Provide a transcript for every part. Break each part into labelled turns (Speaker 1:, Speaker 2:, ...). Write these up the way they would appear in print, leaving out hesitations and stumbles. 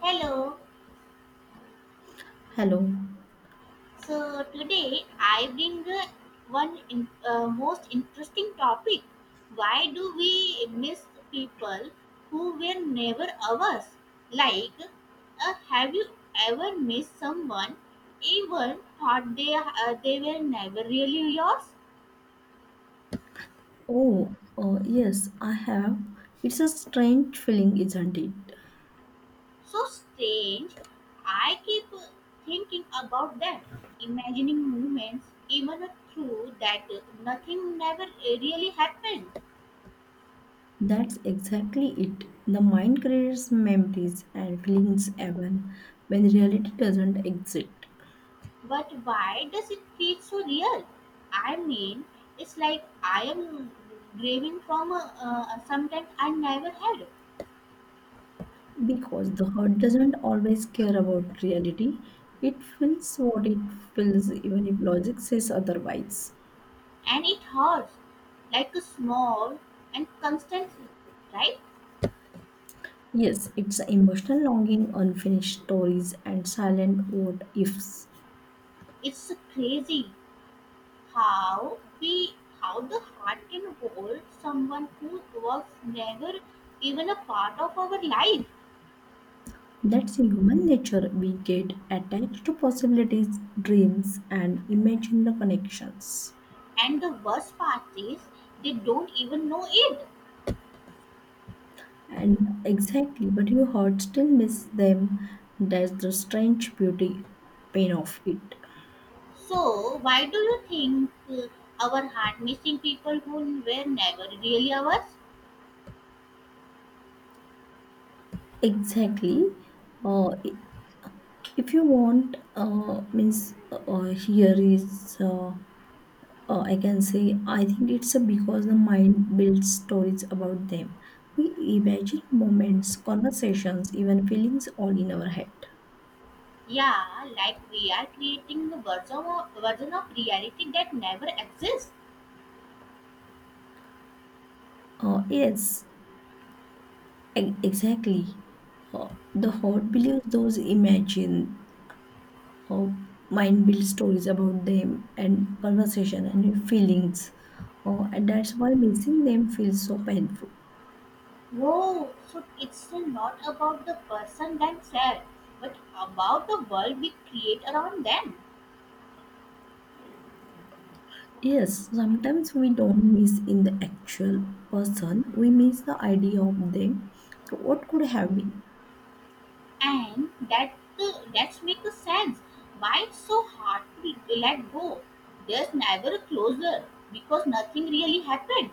Speaker 1: Hello.
Speaker 2: Hello.
Speaker 1: So today I bring most interesting topic. Why do we miss people who were never ours? Have you ever missed someone, even thought they were never really yours?
Speaker 2: Oh, yes, I have. It's a strange feeling, isn't it?
Speaker 1: So strange. I keep thinking about that, imagining moments even through that nothing never really happened.
Speaker 2: That's exactly it. The mind creates memories and feelings even when reality doesn't exist.
Speaker 1: But why does it feel so real? I mean, it's like I am grieving from something I never had,
Speaker 2: Because the heart doesn't always care about reality, it feels what it feels, even if logic says otherwise.
Speaker 1: and it hurts like a small and constant, right?
Speaker 2: Yes, it's emotional longing, unfinished stories, and silent what ifs.
Speaker 1: It's crazy how we how the heart can hold someone who was never even a part of our life,
Speaker 2: That's human nature. We get attached to possibilities, dreams, and imagine the connections.
Speaker 1: and the worst part is they don't even know it.
Speaker 2: And exactly, but your heart still miss them. That's the strange beauty, pain of it.
Speaker 1: So, why do you think our heart missing people who were never really ours?
Speaker 2: Exactly. Uh, i- if you want, means here is, I can say, I think it's a because the mind builds stories about them. We imagine moments, conversations, even feelings all in our head.
Speaker 1: Yeah, like we are creating a version of reality that never exists.
Speaker 2: Yes, exactly. The horde believes those imagine or mind build stories about them and conversation and feelings. And that's why missing them feels so painful.
Speaker 1: Whoa, so it's not about the person themselves, but about the world we create around them.
Speaker 2: Yes, sometimes we don't miss in the actual person, we miss the idea of them. So, what could have been?
Speaker 1: And that that makes sense. Why it's so hard to let go? There's never a closure because nothing really happened.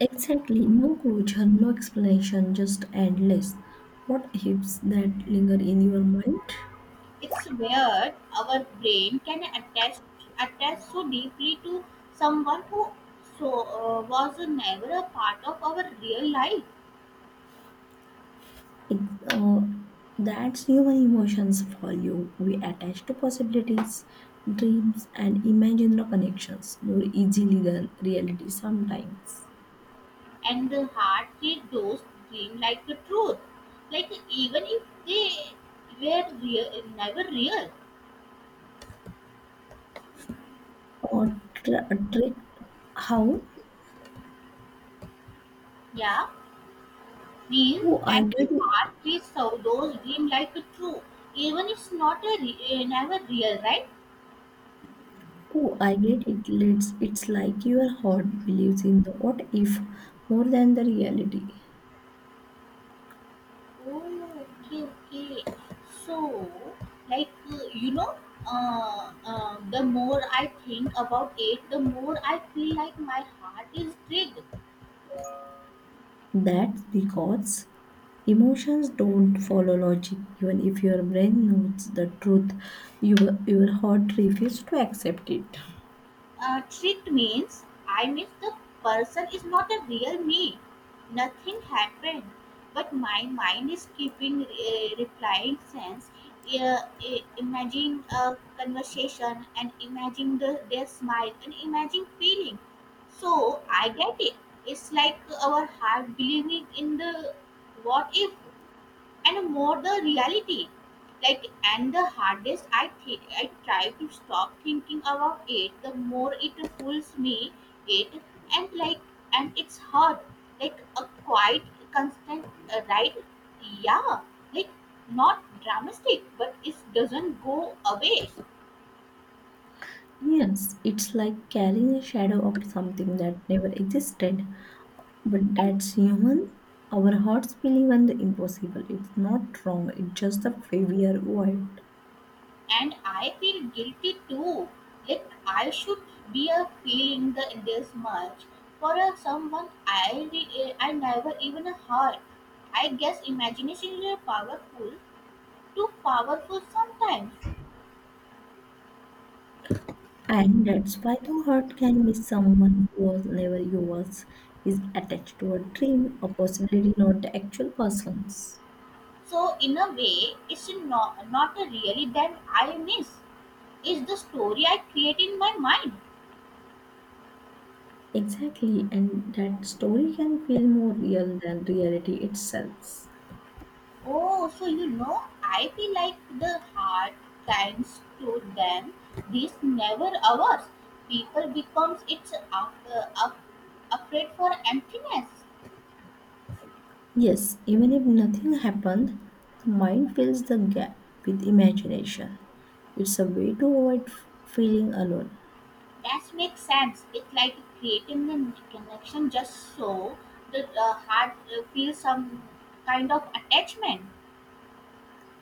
Speaker 2: Exactly, no closure, no explanation, just endless. What hips that linger in your mind?
Speaker 1: It's weird our brain can attach so deeply to someone who so was never a part of our real life,
Speaker 2: Ex- uh, that's human emotions for you. We attach to possibilities, dreams, and imagine the connections more easily than reality sometimes.
Speaker 1: and the heart treat those dream like the truth, like even if they were real, never real.
Speaker 2: Or trick how?
Speaker 1: Yeah, means
Speaker 2: Oh, I
Speaker 1: and the
Speaker 2: get
Speaker 1: heart
Speaker 2: it.
Speaker 1: treats so those dream like the truth, even it's not a re- never real, right?
Speaker 2: Oh, I get it. Let's, it's like your heart believes in the what if more than the reality.
Speaker 1: Oh, okay. So, like, uh, you know, the more I think about it, the more I feel like my heart is big.
Speaker 2: That's because emotions don't follow logic. Even if your brain knows the truth, your heart refuses to accept it.
Speaker 1: Tricked means the person is not a real me. Nothing happened, but my mind is keeping replying sense. Imagine a conversation and imagine their smile and imagine feeling. So I get it. It's like our heart believing in the what if and more the reality, like and the hardest I think I try to stop thinking about it the more it pulls me it, and like and it's hard like a quite constant, right, yeah, like not dramatic but it doesn't go away.
Speaker 2: Yes, it's like carrying a shadow of something that never existed. But that's human. Our hearts believe in the impossible. It's not wrong, it's just the way we are wired.
Speaker 1: And I feel guilty too. Like I should be a feeling this much for a someone I never even heard. I guess imagination is a powerful, too powerful sometimes.
Speaker 2: And that's why the heart can miss someone who was never yours, is attached to a dream, a possibility, not the actual persons.
Speaker 1: So in a way, it's not a really that I miss. It's the story I create in my mind.
Speaker 2: Exactly, and that story can feel more real than reality itself.
Speaker 1: Oh, so you know, I feel like the hard times to them, this never ours. People becomes it's up, afraid for emptiness.
Speaker 2: Yes, even if nothing happened, the mind fills the gap with imagination. It's a way to avoid feeling alone.
Speaker 1: That makes sense. It's like creating a connection just so the heart feels some kind of attachment.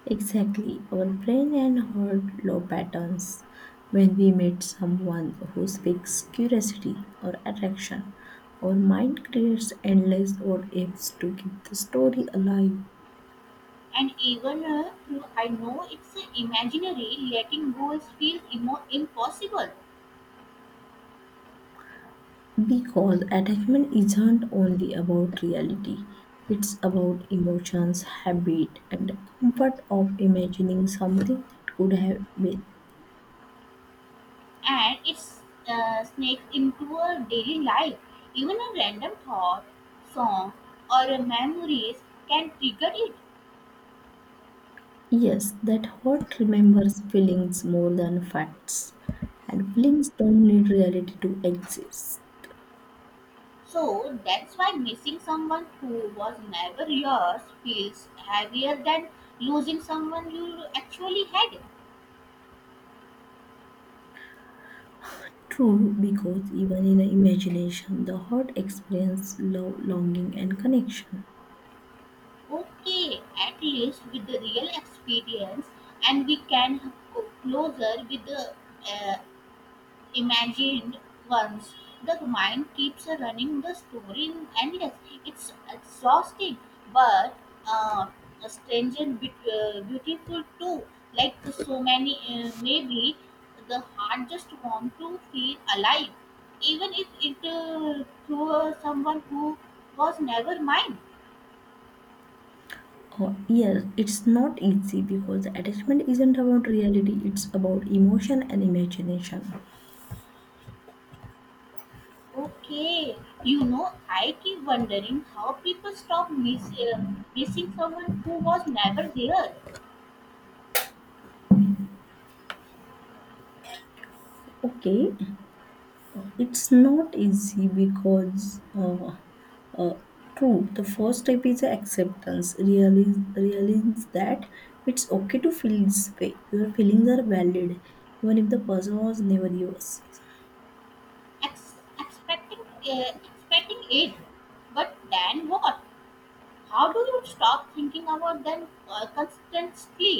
Speaker 2: Exactly, our brain and heart low patterns. When we meet someone who speaks curiosity or attraction, our mind creates endless what ifs to keep the story alive.
Speaker 1: And even though I know it's imaginary, letting goals feels impossible.
Speaker 2: Because attachment isn't only about reality, it's about emotions, habit, and the comfort of imagining something that could have been.
Speaker 1: And it's snakes into our daily life. Even a random thought, song, or a memories can trigger it.
Speaker 2: Yes, that heart remembers feelings more than facts, and feelings don't need reality to exist.
Speaker 1: So that's why missing someone who was never yours feels heavier than losing someone you actually had.
Speaker 2: True, because even in the imagination, the heart experiences love, longing, and connection.
Speaker 1: Okay, at least with the real experience, and we can go closer with the uh, imagined once, the mind keeps running the story endless. It's exhausting, but uh, stranger beautiful too. Like so many, maybe the heart just want to feel alive, even if it through someone who was never mine.
Speaker 2: Yes, it's not easy because the attachment isn't about reality, it's about emotion and imagination.
Speaker 1: Okay, you know, I keep wondering how people stop missing someone who was never there.
Speaker 2: Okay, it's not easy because, uh, true, the first step is acceptance. Realize that it's okay to feel this way. Your feelings are valid, even if the person was never yours.
Speaker 1: ex- expecting aid, but then what, how do you stop thinking about them constantly?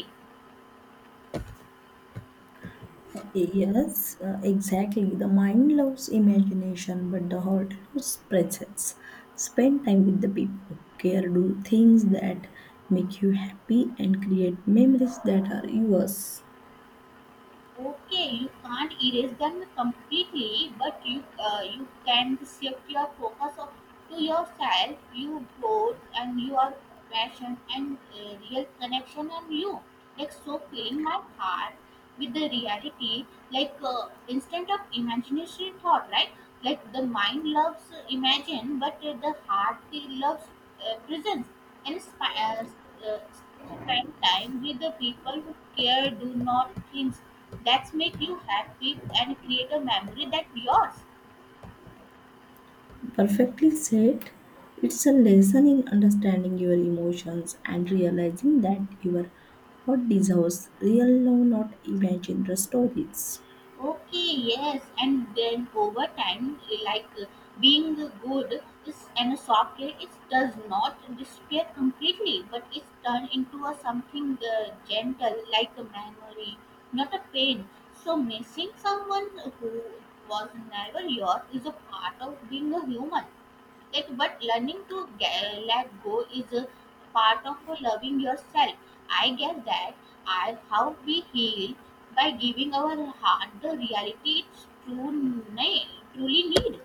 Speaker 2: Yes, exactly. The mind loves imagination, but the heart loves presence. Spend time with the people who care, do things that make you happy, and create memories that are yours.
Speaker 1: Okay, you can't erase them completely, but you can shift your focus of, to yourself, your growth, and your passion and real connection and you. Like so, filling my heart with the reality, like instead of imaginary thought, right? Like the mind loves imagine, but the heart loves presence and uh, spend time with the people who care, do not things that make you happy and create a memory that yours.
Speaker 2: Perfectly said. It's a lesson in understanding your emotions and realizing that your heart deserves real love, not imagined stories.
Speaker 1: Okay, yes, and then over time, like uh, being good is and softer, it does not disappear completely, but it's turned into a something gentle, like a memory, not a pain. So missing someone who was never yours is a part of being a human. It but learning to let go is a part of loving yourself, I guess that I how we heal by giving our heart the reality it's ne- truly need.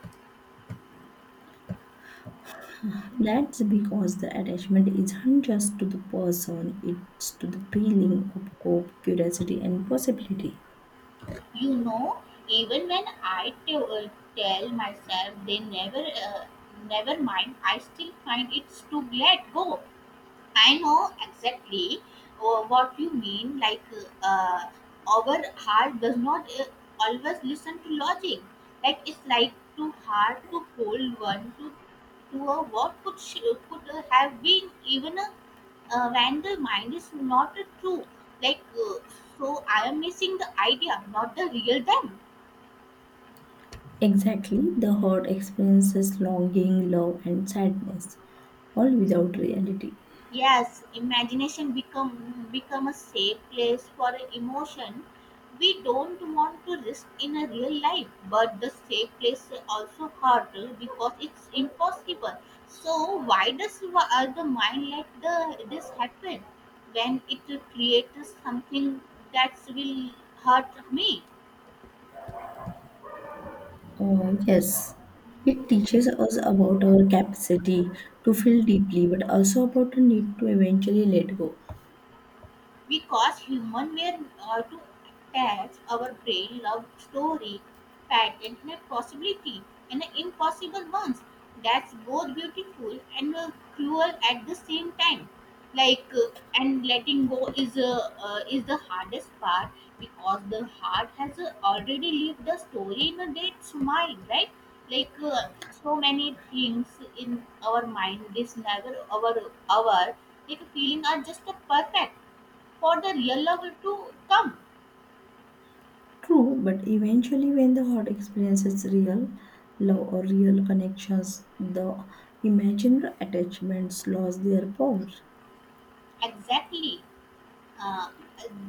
Speaker 2: That's because the attachment isn't just to the person, it's to the feeling of hope, curiosity, and possibility.
Speaker 1: You know, even when tell myself they never mind, I still find it's to let go. I know exactly what you mean. Uh, our heart does not always listen to logic. Like, it's like too hard to hold one to a could have been even a, when the mind is not true. Like, uh, so I am missing the idea, not the real them.
Speaker 2: Exactly, the heart experiences longing, love, and sadness, all without reality.
Speaker 1: Yes, imagination become a safe place for emotion we don't want to risk in a real life, but the safe place also hurt because it's impossible. So why does the mind let the this happen when it creates something that will hurt me?
Speaker 2: Oh, yes, it teaches us about our capacity to feel deeply, but also about the need to eventually let go.
Speaker 1: Because human were to attach our brain love story pattern in possibility and impossible ones, that's both beautiful and cruel at the same time, like uh, and letting go is the hardest part because the heart has already lived the story in a dead smile, right? like uh, so many things in our mind this never our, like feeling are just a perfect for the real love to come.
Speaker 2: True, but eventually, when the heart experiences real love or real connections, the imaginary attachments lose their power.
Speaker 1: Exactly. Uh,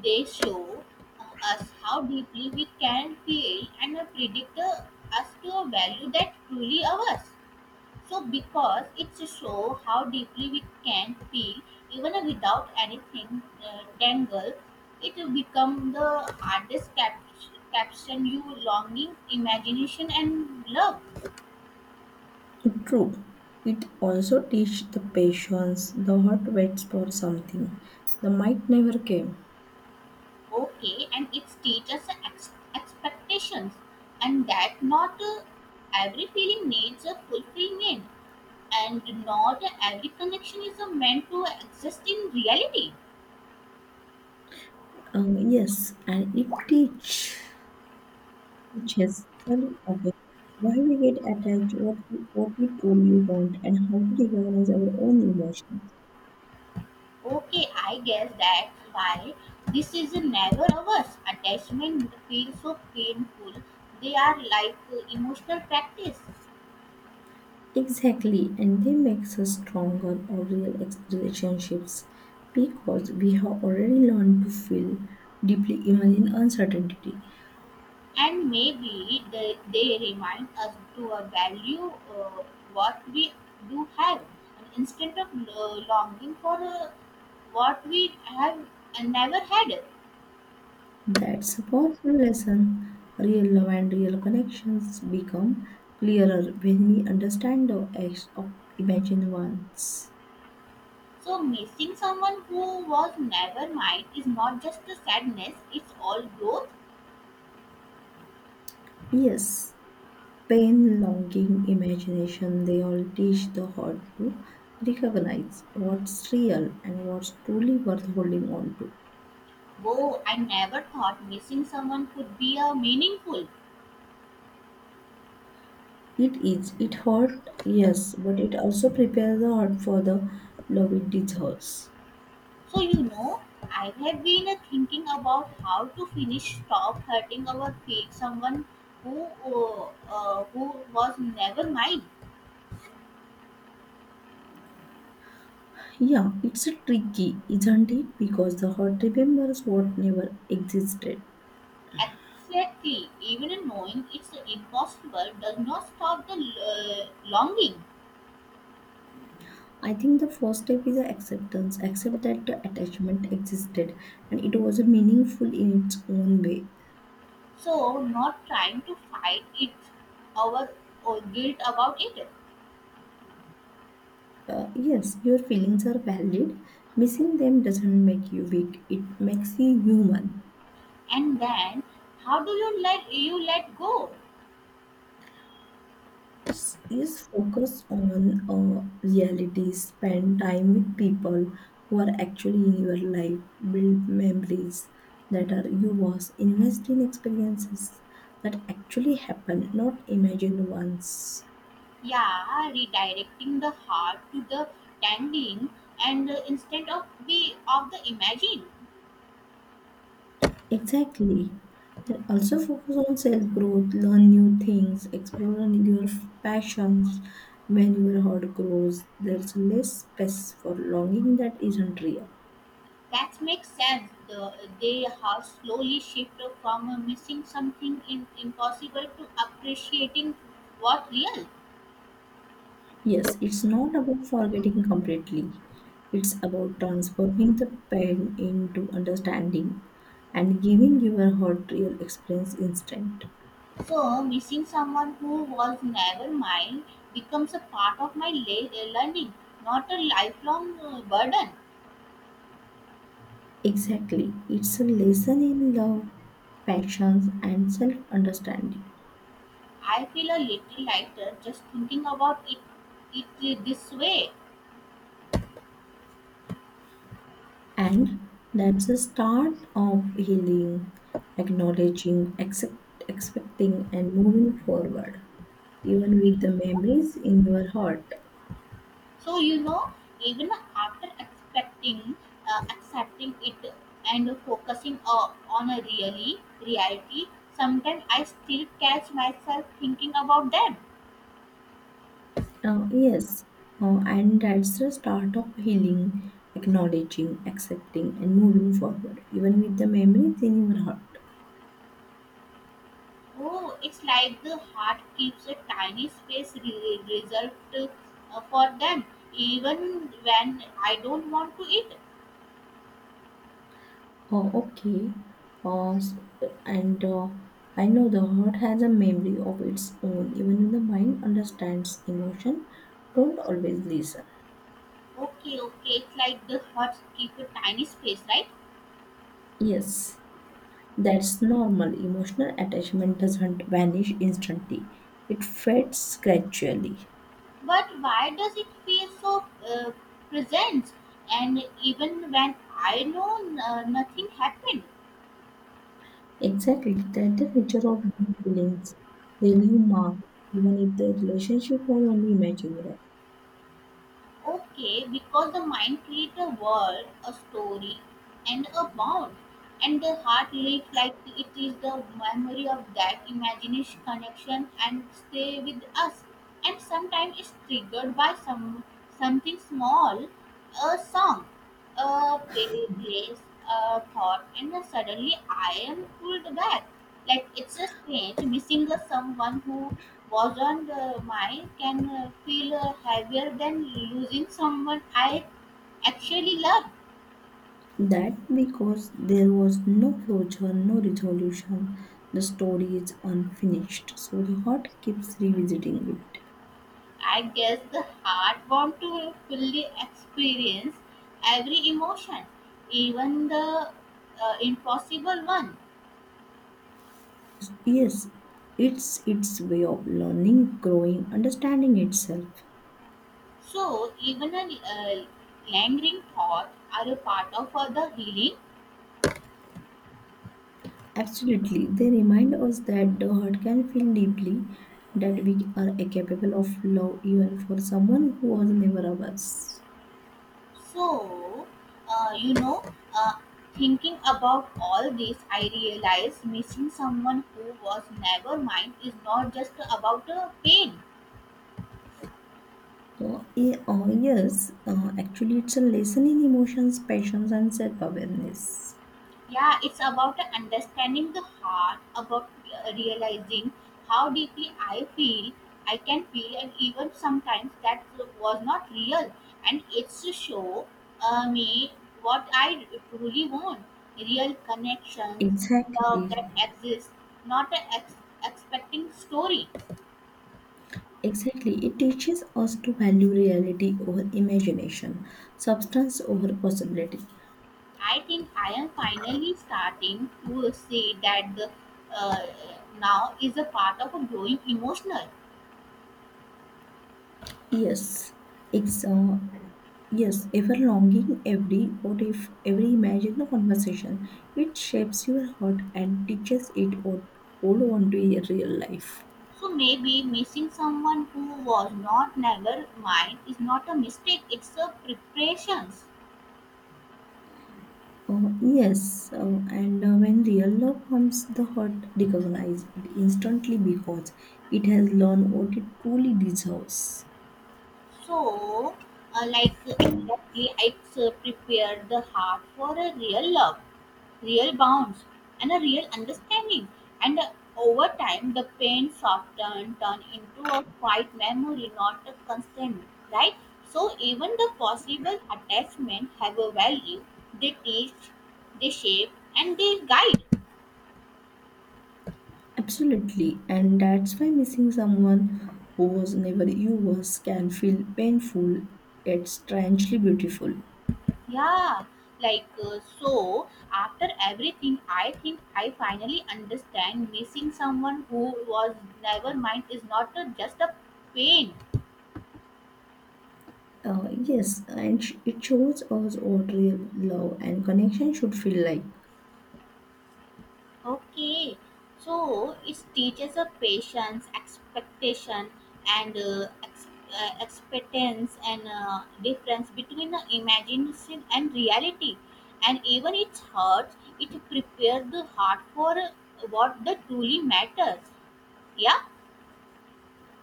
Speaker 1: they show us how deeply we can feel and predict us to a value that truly ours. So, because it's show how deeply we can feel even without anything tangled, it will become the hardest caption you longing, imagination, and love.
Speaker 2: True. It also teaches the patience. The heart waits for something. The might never came.
Speaker 1: Okay, and it's teaches expectations and that not every feeling needs a fulfillment and not every connection is meant to exist in reality.
Speaker 2: Yes, and it teaches self awareness why we get attached, what we truly want, and how to recognize our own emotions.
Speaker 1: Okay, I guess that's why this is never ours attachment feels so painful, they are like emotional practice.
Speaker 2: Exactly, and they makes us stronger or real relationships because we have already learned to feel deeply even in uncertainty.
Speaker 1: And maybe they remind us to value what we do have and instead of longing for what we have and never had.
Speaker 2: That's a powerful lesson. Real love and real connections become clearer when we understand the acts of imagined ones.
Speaker 1: So, missing someone who was never mine is not just a sadness, it's all growth.
Speaker 2: Yes, pain, longing, imagination, they all teach the heart to recognize what's real and what's truly worth holding on to.
Speaker 1: Whoa, I never thought missing someone could be a meaningful.
Speaker 2: It is. It hurt, yes, but it also prepares the heart for the love it deserves.
Speaker 1: So you know, I have been thinking about how to finish stop hurting our feet. Someone who uh, who was never mine.
Speaker 2: Yeah, it's a tricky, isn't it? Because the heart remembers what never existed.
Speaker 1: Exactly. Even knowing it's impossible does not stop the longing.
Speaker 2: I think the first step is acceptance. Accept that the attachment existed and it was meaningful in its own way.
Speaker 1: So not trying to fight it, our guilt about it,
Speaker 2: Yes, your feelings are valid. Missing them doesn't make you weak, it makes you human.
Speaker 1: and then how do you let go?
Speaker 2: Is focus on reality, spend time with people who are actually in your life, build memories that are yours, invest in experiences that actually happen, not imagined ones.
Speaker 1: Yeah, redirecting the heart to the tangling and instead of the imagine.
Speaker 2: Exactly. And also focus on self growth, learn new things, explore on your passions. When your heart grows, there's less space for longing that isn't real.
Speaker 1: That makes sense, the they have slowly shifted from missing something in, impossible to appreciating what real.
Speaker 2: Yes, it's not about forgetting completely. It's about transforming the pain into understanding and giving your heart real experience instead.
Speaker 1: So missing someone who was never mine becomes a part of learning, not a lifelong burden.
Speaker 2: Exactly. It's a lesson in love, passions, and self understanding.
Speaker 1: I feel a little lighter just thinking about it, this way.
Speaker 2: And that's the start of healing, acknowledging, accept, expecting, and moving forward, even with the memories in your heart.
Speaker 1: So you know, even after expecting, accepting it, and focusing on a really reality, sometimes I still catch myself thinking about that.
Speaker 2: Yes, and that's the start of healing, acknowledging, accepting, and moving forward, even with the memories in your heart.
Speaker 1: Oh, it's like the heart keeps a tiny space reserved for them, even when I don't want to eat.
Speaker 2: Oh, okay. S- and I know the heart has a memory of its own, even when the mind understands emotion, don't always listen.
Speaker 1: Okay, okay, it's like the heart keeps a tiny space, right?
Speaker 2: Yes, that's normal. Emotional attachment doesn't vanish instantly, it fades gradually.
Speaker 1: But why does it feel so present? And even when I know nothing happened,
Speaker 2: Exactly, that the nature of human feelings. They leave mark, even if the relationship was only imaginary.
Speaker 1: okay, because the mind creates a world, a story, and a bond, and the heart lives like it is the memory of that imagination connection and stay with us. And sometimes it's triggered by something small, a song, a pay place, a thought, and then suddenly I am pulled back. Like it's a strange missing a someone who was on mine can feel heavier than losing someone I actually love.
Speaker 2: That because there was no closure, no resolution, the story is unfinished, so the heart keeps revisiting it.
Speaker 1: I guess the heart wants to fully experience every emotion, even the impossible one.
Speaker 2: Yes, it's its way of learning, growing, understanding itself.
Speaker 1: So even a lingering thought are a part of the healing.
Speaker 2: Absolutely, they remind us that the heart can feel deeply, that we are capable of love even for someone who was never ours.
Speaker 1: So, you know, uh, thinking about all this, I realized missing someone who was never mine is not just about pain.
Speaker 2: Yeah, yes, actually, it's a lesson in emotions, passions, and self awareness.
Speaker 1: Yeah, it's about understanding the heart about realizing how deeply I can feel and even sometimes that was not real, and it's to show me what I truly want, real connections, love
Speaker 2: Exactly,
Speaker 1: that exists, not an expecting story.
Speaker 2: exactly. It teaches us to value reality over imagination, substance over possibility.
Speaker 1: I think I am finally starting to see that the uh, now is a part of a growing emotional.
Speaker 2: Yes, it's yes, ever longing, every what if, every imagined conversation. It shapes your heart and teaches it what to hold on to in real life.
Speaker 1: So maybe missing someone who was not never mine is not a mistake. It's a preparations.
Speaker 2: Oh, yes, and when real love comes, the heart recognizes it instantly because it has learned what it truly deserves.
Speaker 1: So, like exactly, I prepared the heart for a real love, real bonds, and a real understanding. And over time, the pain softened, turned into a quiet memory, not a constant, right? So even the possible attachment have a value. They teach, they shape, and they guide.
Speaker 2: Absolutely, and that's why missing someone who was never you was can feel painful yet strangely beautiful.
Speaker 1: Yeah, so after everything, I think I finally understand missing someone who was never mind is not a, just a pain.
Speaker 2: Yes, and it shows us what real love and connection should feel like.
Speaker 1: Okay, so it teaches a patience, expectation, and expectance and difference between the imagination and reality. And even it hurts, it prepares the heart for what the truly matters. Yeah.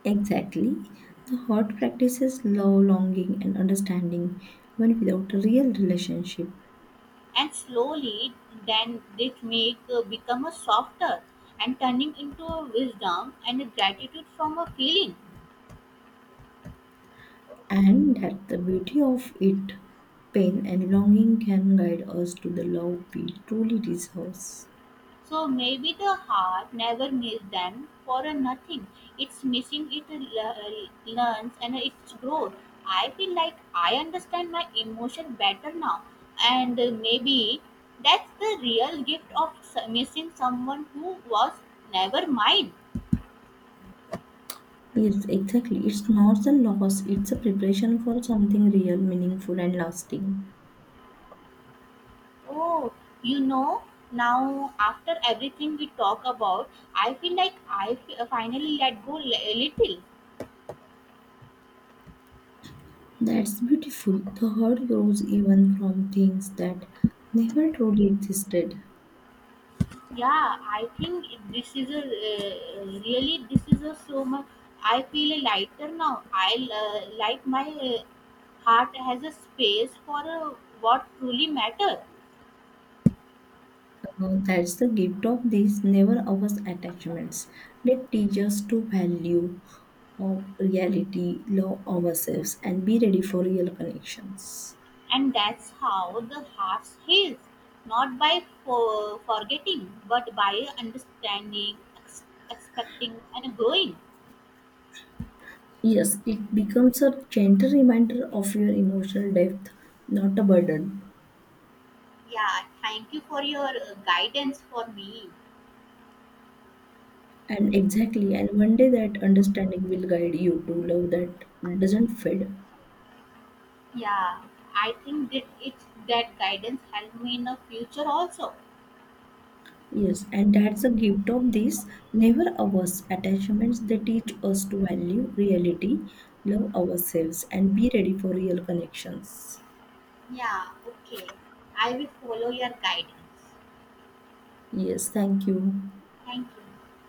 Speaker 2: Exactly. The heart practices love, longing, and understanding even without a real relationship.
Speaker 1: And slowly then this make become a softer and turning into a wisdom and a gratitude from a feeling.
Speaker 2: And that the beauty of it, pain and longing can guide us to the love we truly deserve.
Speaker 1: So maybe the heart never missed them for a nothing, it's missing le- learns and it's growth. I feel like I understand my emotion better now, and maybe that's the real gift of missing someone who was never mine.
Speaker 2: Yes, exactly. It's not a loss, it's a preparation for something real, meaningful, and lasting.
Speaker 1: Oh, you know, now after everything we talk about, I feel like finally let go a little.
Speaker 2: That's beautiful. The heart grows even from things that never truly existed.
Speaker 1: Yeah, I think this is a so much. I feel lighter now. I like my heart has a space for what truly matters,
Speaker 2: That's the gift of these never ours attachments. They teach us to value of reality, love ourselves, and be ready for real connections.
Speaker 1: and that's how the heart heals, not by forgetting, but by understanding, ex- expecting, and growing.
Speaker 2: Yes, it becomes a gentle reminder of your emotional depth, not a burden.
Speaker 1: Yeah, thank you for your guidance for me.
Speaker 2: And exactly, and one day that understanding will guide you to love that doesn't fade.
Speaker 1: Yeah, I think that it's that guidance helped me in the future also.
Speaker 2: Yes, and that's the gift of these never averse attachments. They teach us to value reality, love ourselves, and be ready for real connections.
Speaker 1: Yeah, okay. I will follow your guidance.
Speaker 2: Yes, thank you.
Speaker 1: Thank you.